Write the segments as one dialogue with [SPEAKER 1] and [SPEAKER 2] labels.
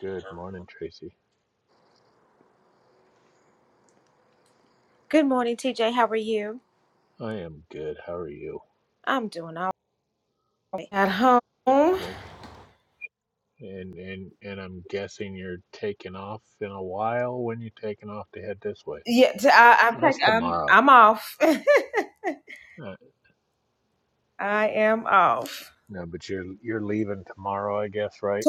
[SPEAKER 1] Good morning, Tracy. I am good. How are you? When and and and I'm guessing you're taking off in a while. When you taking off to head this way? So that's tomorrow. Uh, no, but you're you're leaving tomorrow, I guess, right?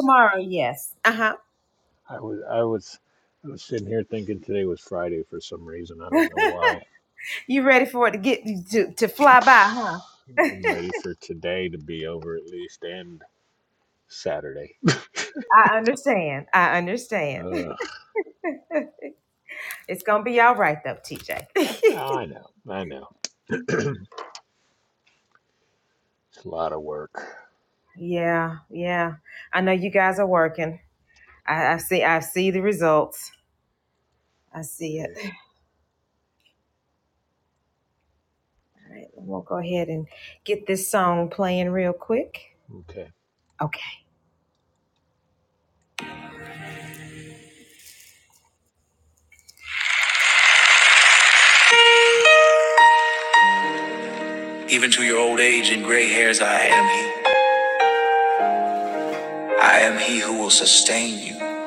[SPEAKER 1] I was I was I was sitting here thinking today was Friday for some reason. I don't know why. I'm ready for today to be over at least and Saturday. Ugh. I know, I know. It's a lot of work. Yeah. Okay.
[SPEAKER 2] Even to your old age and gray hairs, I am He. I am He who will sustain you.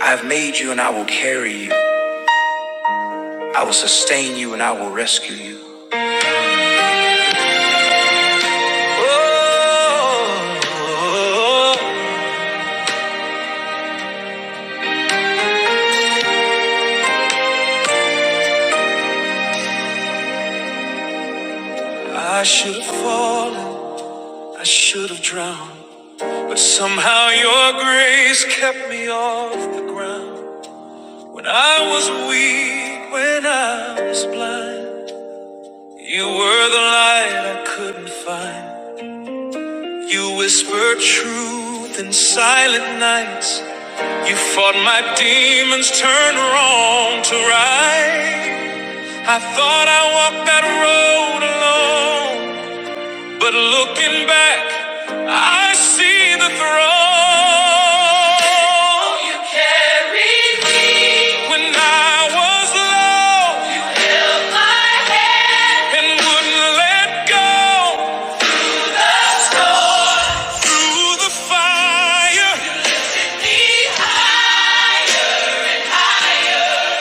[SPEAKER 2] I have made you and I will carry you. I will sustain you and I will rescue you. Oh, I should have fallen, I should have drowned. But somehow your grace kept me off the ground. When I was weak, when I was blind, you were the light I couldn't find. You whispered truth in silent nights. You fought my demons, turned wrong to right. I thought I walked that road alone, but looking back, I see the throne. When I was low and wouldn't let go, through the fire,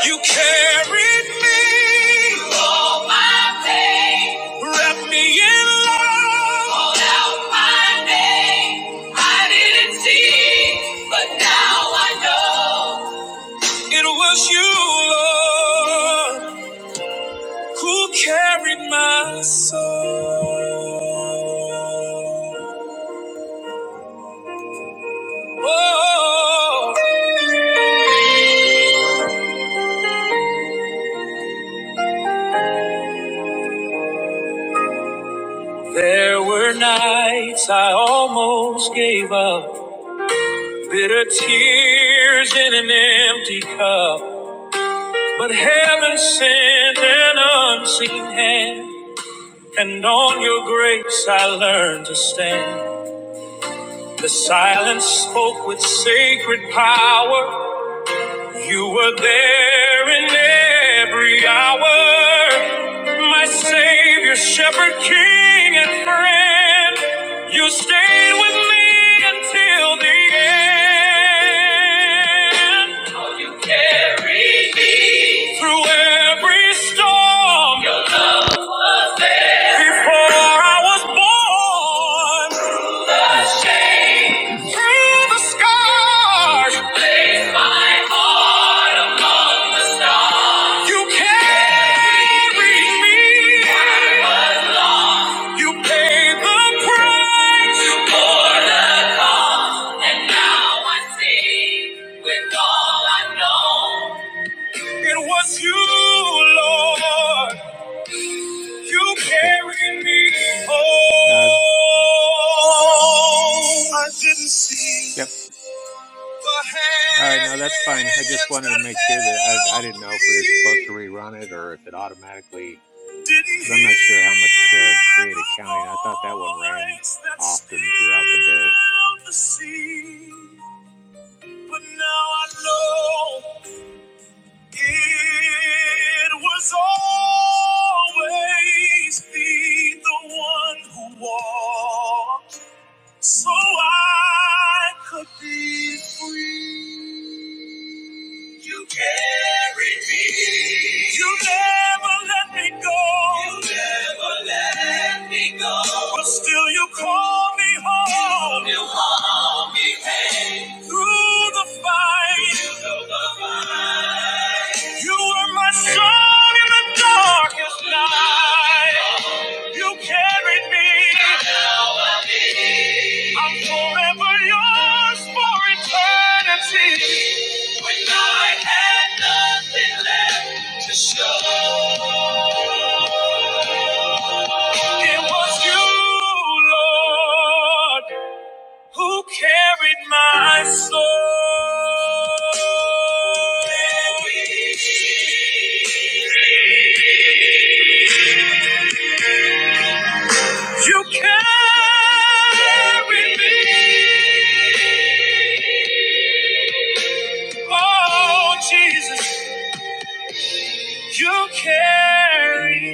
[SPEAKER 2] You carried me all my days, wrapped me in love, called out my name. I didn't see, but now I know it was you, Lord, who carried my soul. Oh, there were nights I almost gave up. Bitter tears in an empty cup, but heaven sent an unseen hand, and on your grace I learned to stand. The silence spoke with sacred power, You were there in every hour, my Savior, Shepherd, King, and friend. You stayed with me until the end. Oh, you carried me through every storm. Your love was there before I was born.
[SPEAKER 1] Yes.
[SPEAKER 2] Through the
[SPEAKER 1] No, you're
[SPEAKER 2] sky, you
[SPEAKER 1] fine.
[SPEAKER 2] placed
[SPEAKER 1] No,
[SPEAKER 2] my
[SPEAKER 1] no.
[SPEAKER 2] heart among the stars. You carried me. I was lost. You paid the
[SPEAKER 1] Okay.
[SPEAKER 2] price. You bore the cost, and now I see with all I know. It was you, Lord. You
[SPEAKER 1] Okay.
[SPEAKER 2] carry me home.
[SPEAKER 1] No,
[SPEAKER 2] I didn't
[SPEAKER 1] yep.
[SPEAKER 2] see the
[SPEAKER 1] All right. No, that's fine. I just
[SPEAKER 2] hands
[SPEAKER 1] wanted to
[SPEAKER 2] that
[SPEAKER 1] make sure that I, I didn't
[SPEAKER 2] held
[SPEAKER 1] know if we were supposed to
[SPEAKER 2] me.
[SPEAKER 1] rerun it or if it automatically,
[SPEAKER 2] Didn't
[SPEAKER 1] because I'm not sure how much
[SPEAKER 2] hear
[SPEAKER 1] uh, creative
[SPEAKER 2] the
[SPEAKER 1] counting. I thought that one ran
[SPEAKER 2] voice that stilled
[SPEAKER 1] often throughout the day.
[SPEAKER 2] the sea. But now I know it was always thee, the one who walked. so I could be free. You carried me. You never let me go. You never let me go. But still you call me home. You call me home. Through the fight. Through the fight. You were my sun in the darkest night. You carried me. Now I'm here. I'm forever yours for eternity. When I had nothing left to show, it was you, Lord, who carried my soul. You carried me, oh Jesus, you carried me.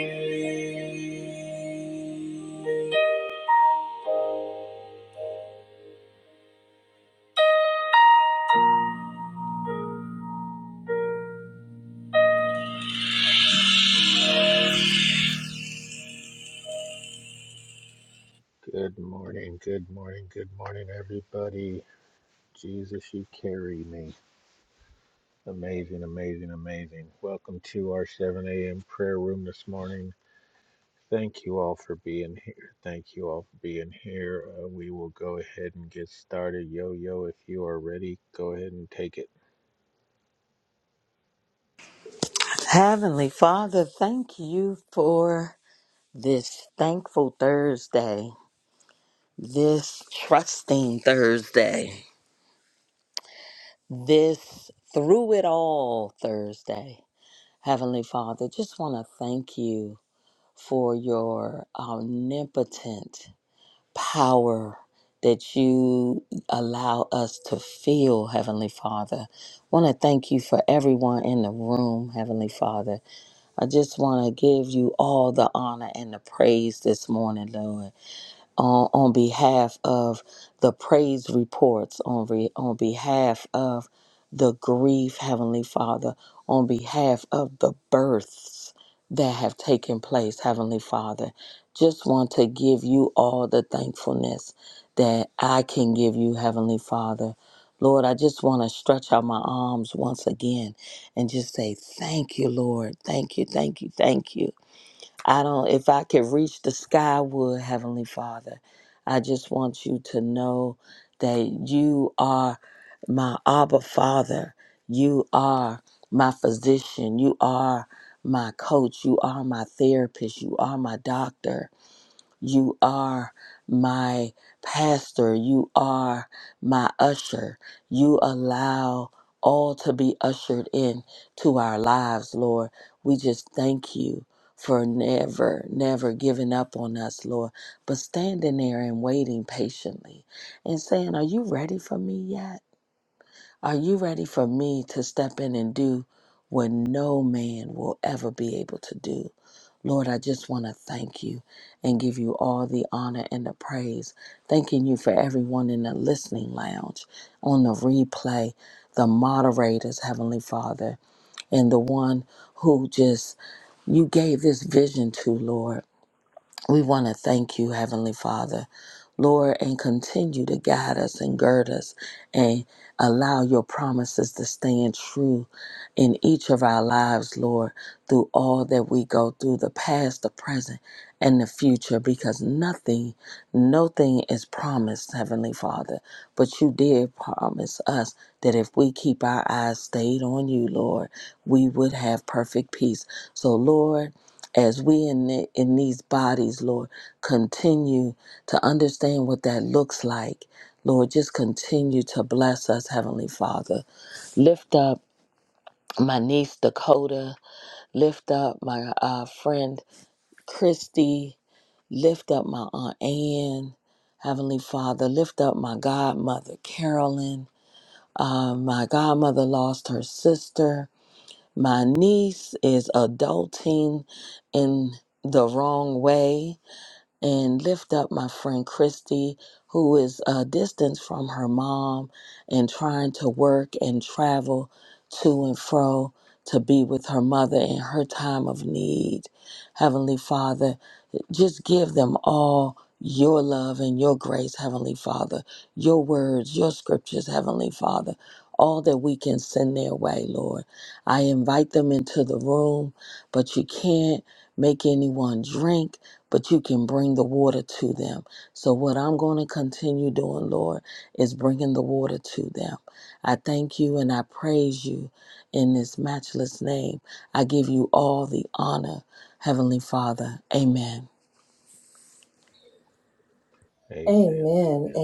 [SPEAKER 1] Good morning. Good morning. Good morning, everybody. Jesus, you carry me. Amazing, amazing, amazing. Welcome to our 7 a.m. prayer room this morning. Thank you all for being here. Thank you all for being here. Uh, we will go ahead and get started. Yo, yo, if you are ready, go ahead and take it.
[SPEAKER 3] Heavenly Father, thank you for this thankful Thursday, this trusting Thursday, this through it all Thursday. Heavenly Father, just want to thank you for your omnipotent power that you allow us to feel, Heavenly Father. Want to thank you for everyone in the room, Heavenly Father. I just want to give you all the honor and the praise this morning, Lord on, on behalf of the praise reports, on, re, on behalf of the grief, Heavenly Father, on behalf of the births that have taken place, Heavenly Father. Just want to give you all the thankfulness that I can give you, Heavenly Father. Lord, I just want to stretch out my arms once again and just say, Thank you, Lord. Thank you, thank you, thank you. I don't, if I could reach the sky, I would, Heavenly Father. I just want you to know that you are my Abba Father. You are my physician. You are my coach. You are my therapist. You are my doctor you are my pastor. You are my usher. You allow all to be ushered in to our lives, Lord. We just thank you for never, never giving up on us, Lord, but standing there and waiting patiently and saying, Are you ready for me yet? Are you ready for me to step in and do what no man will ever be able to do? Lord, I just want to thank you and give you all the honor and the praise. Thanking you for everyone in the listening lounge, on the replay, the moderators, Heavenly Father, and the one who just you gave this vision to, Lord. We want to thank you, Heavenly Father, Lord, and continue to guide us and gird us and allow your promises to stand true in each of our lives, Lord, through all that we go through the past, the present, and the future, because nothing, nothing is promised, Heavenly Father. But you did promise us that if we keep our eyes stayed on you, Lord, we would have perfect peace. So, Lord, as we in, the, in these bodies, Lord, continue to understand what that looks like. Lord, just continue to bless us, Heavenly Father. Lift up my niece Dakota. Lift up my uh, friend Christy. Lift up my Aunt Ann, Heavenly Father. Lift up my godmother Carolyn. Uh, my godmother lost her sister. My niece is adulting in the wrong way and lift up my friend Christy, who is uh, distanced from her mom and trying to work and travel to and fro to be with her mother in her time of need. Heavenly Father, just give them all your love and your grace, Heavenly Father, your words, your scriptures, Heavenly Father, all that we can send their way, Lord. I invite them into the room, but you can't make anyone drink, but you can bring the water to them. So, what I'm going to continue doing, Lord, is bringing the water to them. I thank you and I praise you in this matchless name. I give you all the honor, Heavenly Father. Amen.
[SPEAKER 1] Amen, amen,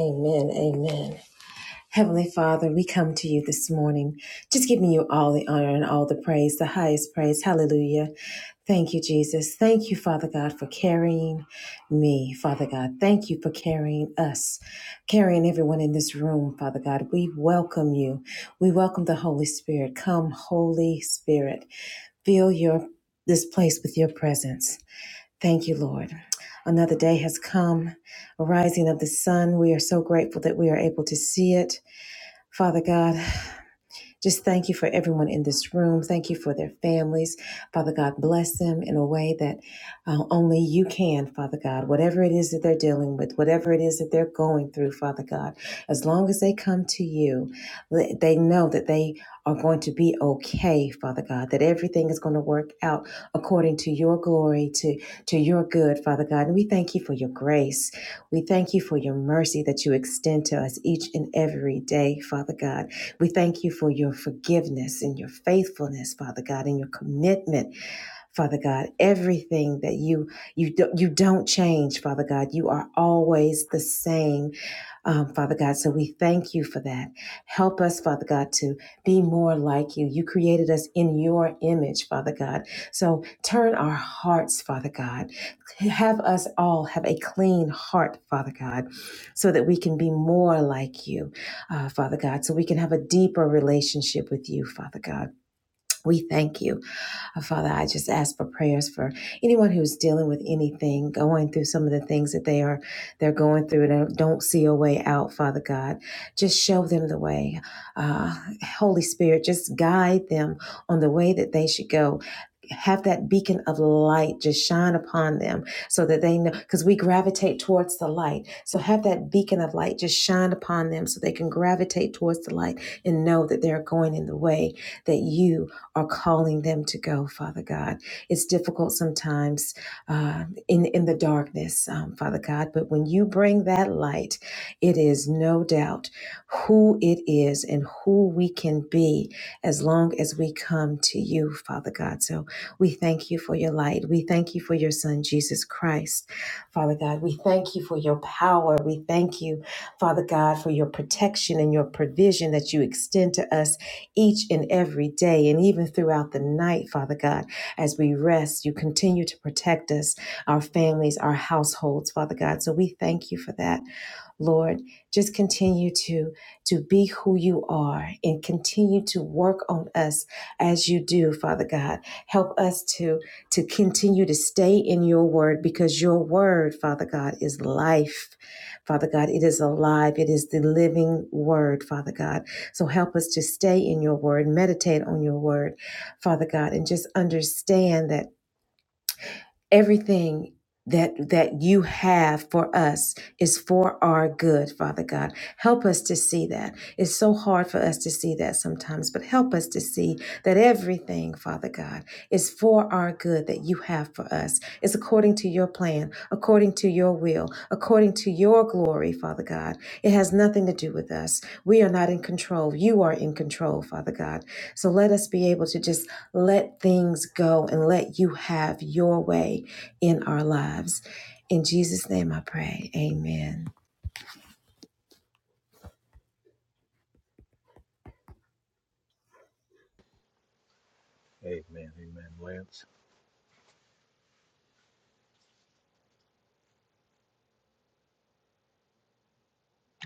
[SPEAKER 1] amen, amen, Lance.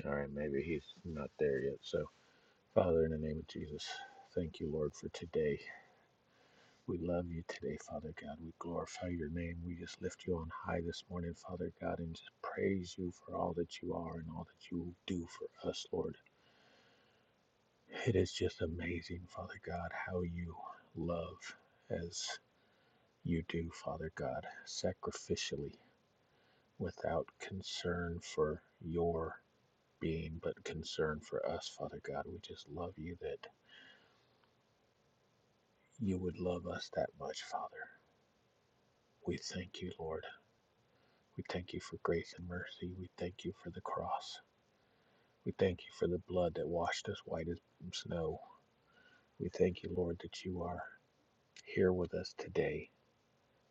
[SPEAKER 1] All right, maybe he's not there yet. So, Father, in the name of Jesus, thank you, Lord, for today. We love you today, Father God. We glorify your name. We just lift you on high this morning, Father God, and just praise you for all that you are and all that you do for us, Lord. It is just amazing, Father God, how you love as you do, Father God, sacrificially, without concern for your being, but concern for us, Father God. We just love you that you would love us that much, Father. We thank you, Lord. We thank you for grace and mercy. We thank you for the cross. We thank you for the blood that washed us white as snow. We thank you, Lord, that you are here with us today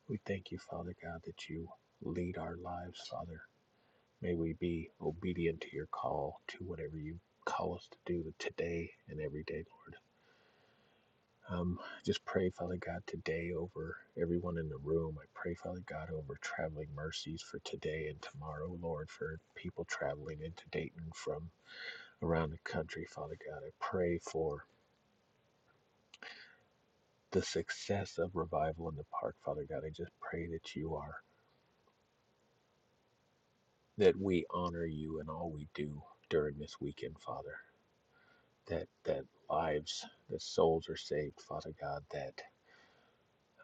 [SPEAKER 1] We thank you, Father God, that you lead our lives, Father. May we be obedient to your call, to whatever you call us to do today and every day, Lord. Um, just pray, Father God, today over everyone in the room. I pray, Father God, over traveling mercies for today and tomorrow, Lord, for people traveling into Dayton from around the country, Father God. I pray for the success of revival in the park, Father God. I just pray that you are that we honor you in all we do during this weekend, Father. That that lives, that souls are saved, Father God. That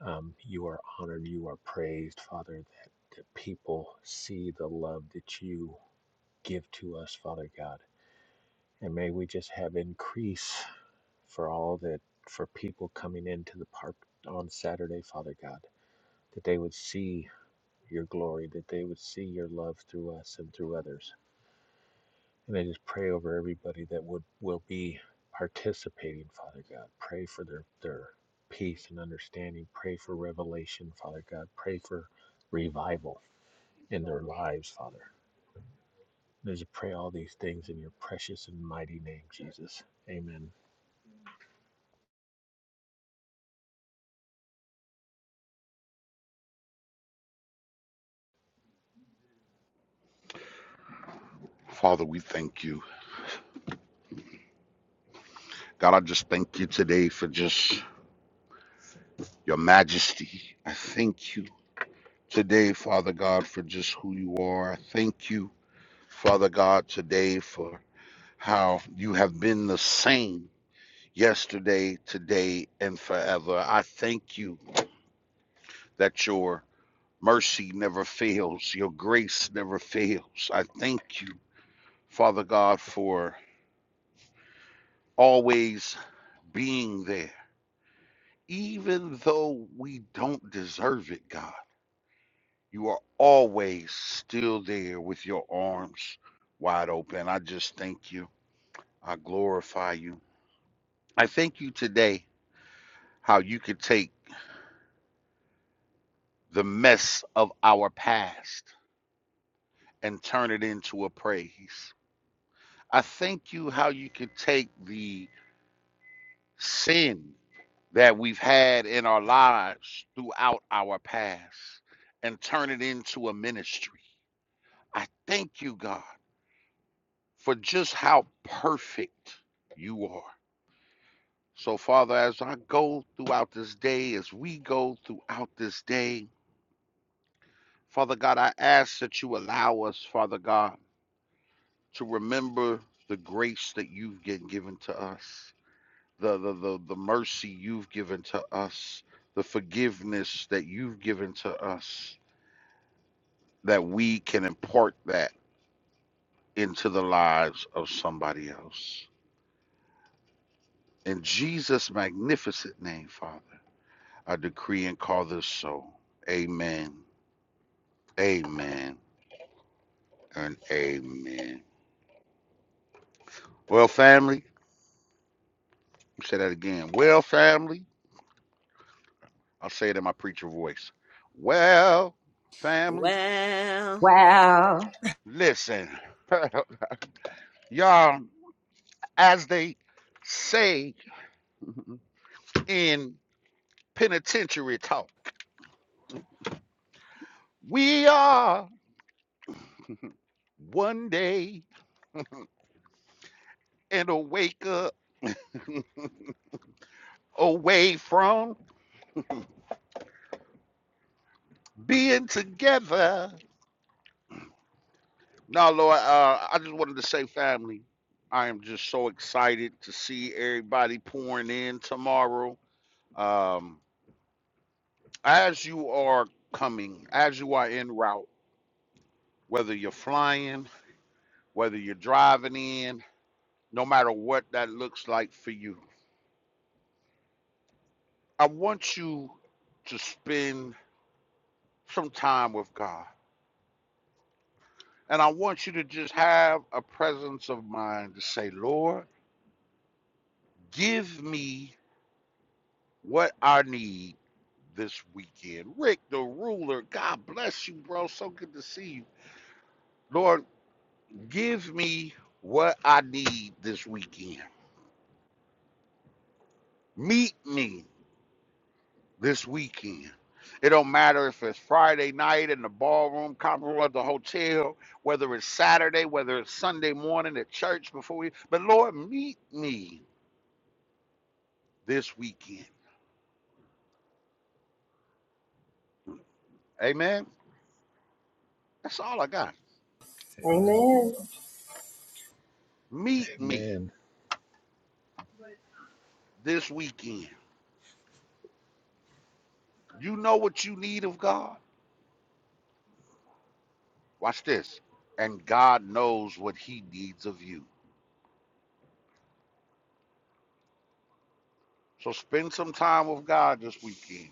[SPEAKER 1] um, you are honored, you are praised, Father. That that people see the love that you give to us, Father God. And may we just have increase for all that for people coming into the park on Saturday, Father God. That they would see your glory, that they would see your love through us and through others And I just pray over everybody that would will be participating, Father God. Pray for their their peace and understanding. Pray for revelation, Father God. Pray for revival in their lives, Father. And I just pray all these things in your precious and mighty name, Jesus. Amen.
[SPEAKER 4] Father, we thank you. God, I just thank you today for just your majesty. I thank you today, Father God, for just who you are. I thank you, Father God, today for how you have been the same yesterday, today, and forever. I thank you that your mercy never fails, your grace never fails. I thank you, Father God, for always being there. even though we don't deserve it, God, you are always still there with your arms wide open. I just thank you. I glorify you. I thank you today how you could take the mess of our past and turn it into a praise. I thank you how you could take the sin that we've had in our lives throughout our past and turn it into a ministry. I thank you, God. for just how perfect you are. So, Father, as I go throughout this day, as we go throughout this day, Father God, I ask that you allow us, Father God, to remember the grace that you've gi- given to us, the, the, the, the mercy you've given to us, the forgiveness that you've given to us, that we can impart that into the lives of somebody else. In Jesus' magnificent name, Father. I decree and call this so. Amen. Amen. And amen. Well, family, say that again. Well, family, I'll say it in my preacher voice. Well, family,
[SPEAKER 3] Well,
[SPEAKER 4] listen. Y'all, as they say in penitentiary talk, we are one day and a wake up away from being together No, Lord, uh, I just wanted to say, family, I am just so excited to see everybody pouring in tomorrow. Um, as you are coming, as you are en route, whether you're flying, whether you're driving in, no matter what that looks like for you, I want you to spend some time with God. And I want you to just have a presence of mind to say, Lord, give me what I need this weekend. Rick, the ruler, God bless you, bro. So good to see you. Lord, give me what I need this weekend. Meet me this weekend. It don't matter if it's Friday night in the ballroom, conference room at the hotel, whether it's Saturday, whether it's Sunday morning at church before you. But Lord, meet me this weekend. Amen. That's all I got. Meet me this weekend. You know what you need of God. Watch this. And God knows what He needs of you. So spend some time with God this weekend,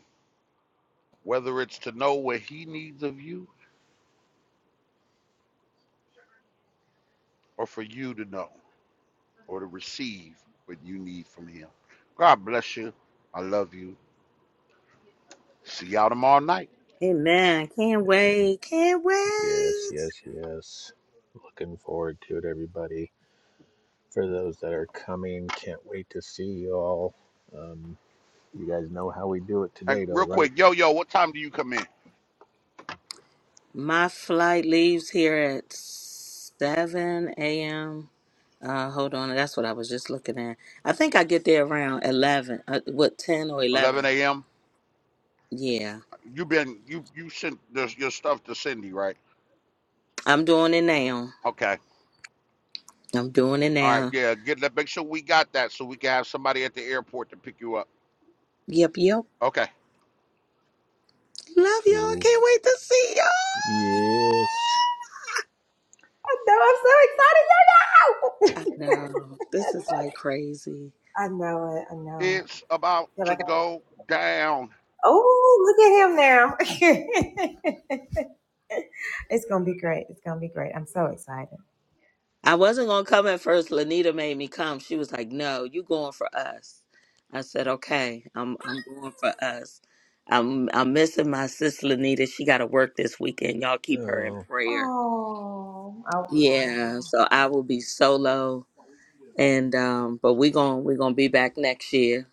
[SPEAKER 4] whether it's to know what He needs of you or for you to know or to receive what you need from Him. God bless you. I love you. See y'all tomorrow night.
[SPEAKER 3] amen. Can't wait.
[SPEAKER 1] Yes, yes, yes. Looking forward to it, everybody. For those that are coming, can't wait to see you all. Um, you guys know how we do it
[SPEAKER 4] Hey,
[SPEAKER 1] today, though,
[SPEAKER 4] real
[SPEAKER 1] right?
[SPEAKER 4] quick, yo, yo, what time do you come in?
[SPEAKER 3] My flight leaves here at 7 a.m. Uh, hold on. That's what I was just looking at. I think I get there around 11, uh, what, 10 or
[SPEAKER 4] 11
[SPEAKER 3] 11.
[SPEAKER 4] a.m.
[SPEAKER 3] Yeah.
[SPEAKER 4] You been you you sent this, your stuff to Cindy, right?
[SPEAKER 3] I'm doing it now.
[SPEAKER 4] Okay.
[SPEAKER 3] I'm doing it
[SPEAKER 4] All right.
[SPEAKER 3] now.
[SPEAKER 4] Yeah. Get that. Make sure we got that so we can have somebody at the airport to pick you up.
[SPEAKER 3] Yep, yep.
[SPEAKER 4] Okay.
[SPEAKER 3] Love y'all.
[SPEAKER 1] Cool.
[SPEAKER 3] Can't wait to see y'all.
[SPEAKER 1] Yes.
[SPEAKER 2] No, I'm so excited right
[SPEAKER 3] I
[SPEAKER 2] now.
[SPEAKER 3] know. This is like crazy.
[SPEAKER 2] I know it. I know it.
[SPEAKER 4] It's about to go down.
[SPEAKER 3] I wasn't gonna come at first. Lanita made me come. She was like, "No, you going for us." I said, "Okay, I'm I'm going for us." I'm I'm missing my sister Lanita. She got to work this weekend. Y'all keep her in
[SPEAKER 1] Oh,
[SPEAKER 3] prayer. Yeah, so I will be solo, and um, but we gon' we gonna be back next year.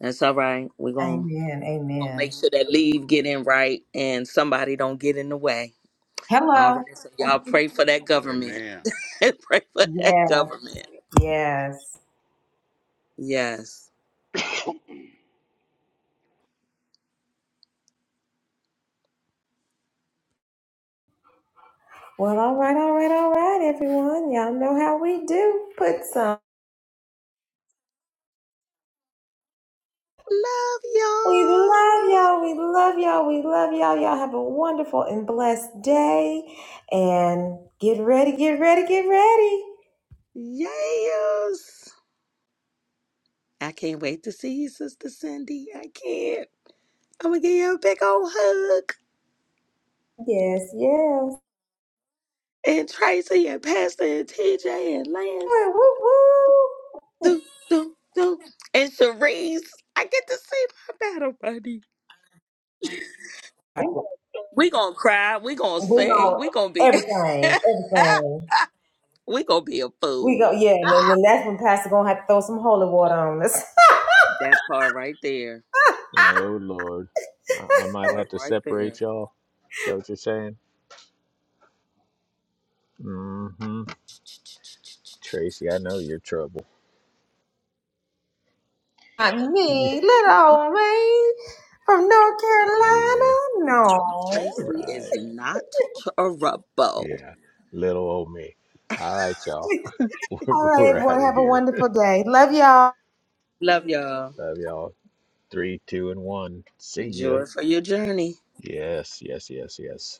[SPEAKER 3] That's all right. We gon' gonna make sure that leave get in right, and somebody don't get in the way. All right, so y'all pray for that government.
[SPEAKER 4] Amen.
[SPEAKER 3] pray for that government. Yes. Love y'all. Yes. I can't wait to see you, Sister Cindy. I can't. I'm going to give you a big old hug. And Tracy and Pastor and TJ and Lance. Do, do, do. And Cherise. I get to see my battle buddy. We gonna cry. We gonna sing. We gonna be. we gonna be a fool. That part right there.
[SPEAKER 1] oh Lord. I, I might
[SPEAKER 3] Part
[SPEAKER 1] have to
[SPEAKER 3] right there.
[SPEAKER 1] separate y'all. Is that what you're saying? Mm-hmm. Tracy, I know you're trouble.
[SPEAKER 2] Not me, little me from North
[SPEAKER 1] Yeah,
[SPEAKER 2] Carolina. No.
[SPEAKER 1] yeah,
[SPEAKER 3] Tracy is
[SPEAKER 1] right.
[SPEAKER 3] not a rubbo.
[SPEAKER 1] Yeah, little old me. All right, y'all. We're,
[SPEAKER 2] All right,
[SPEAKER 1] we're out
[SPEAKER 2] everyone.
[SPEAKER 1] of
[SPEAKER 2] Have a
[SPEAKER 1] here.
[SPEAKER 2] wonderful day. Love y'all.
[SPEAKER 3] Love y'all.
[SPEAKER 1] Love y'all. Three, two, and one. See ya.
[SPEAKER 3] Joy for your journey.
[SPEAKER 1] Yes, yes, yes, yes.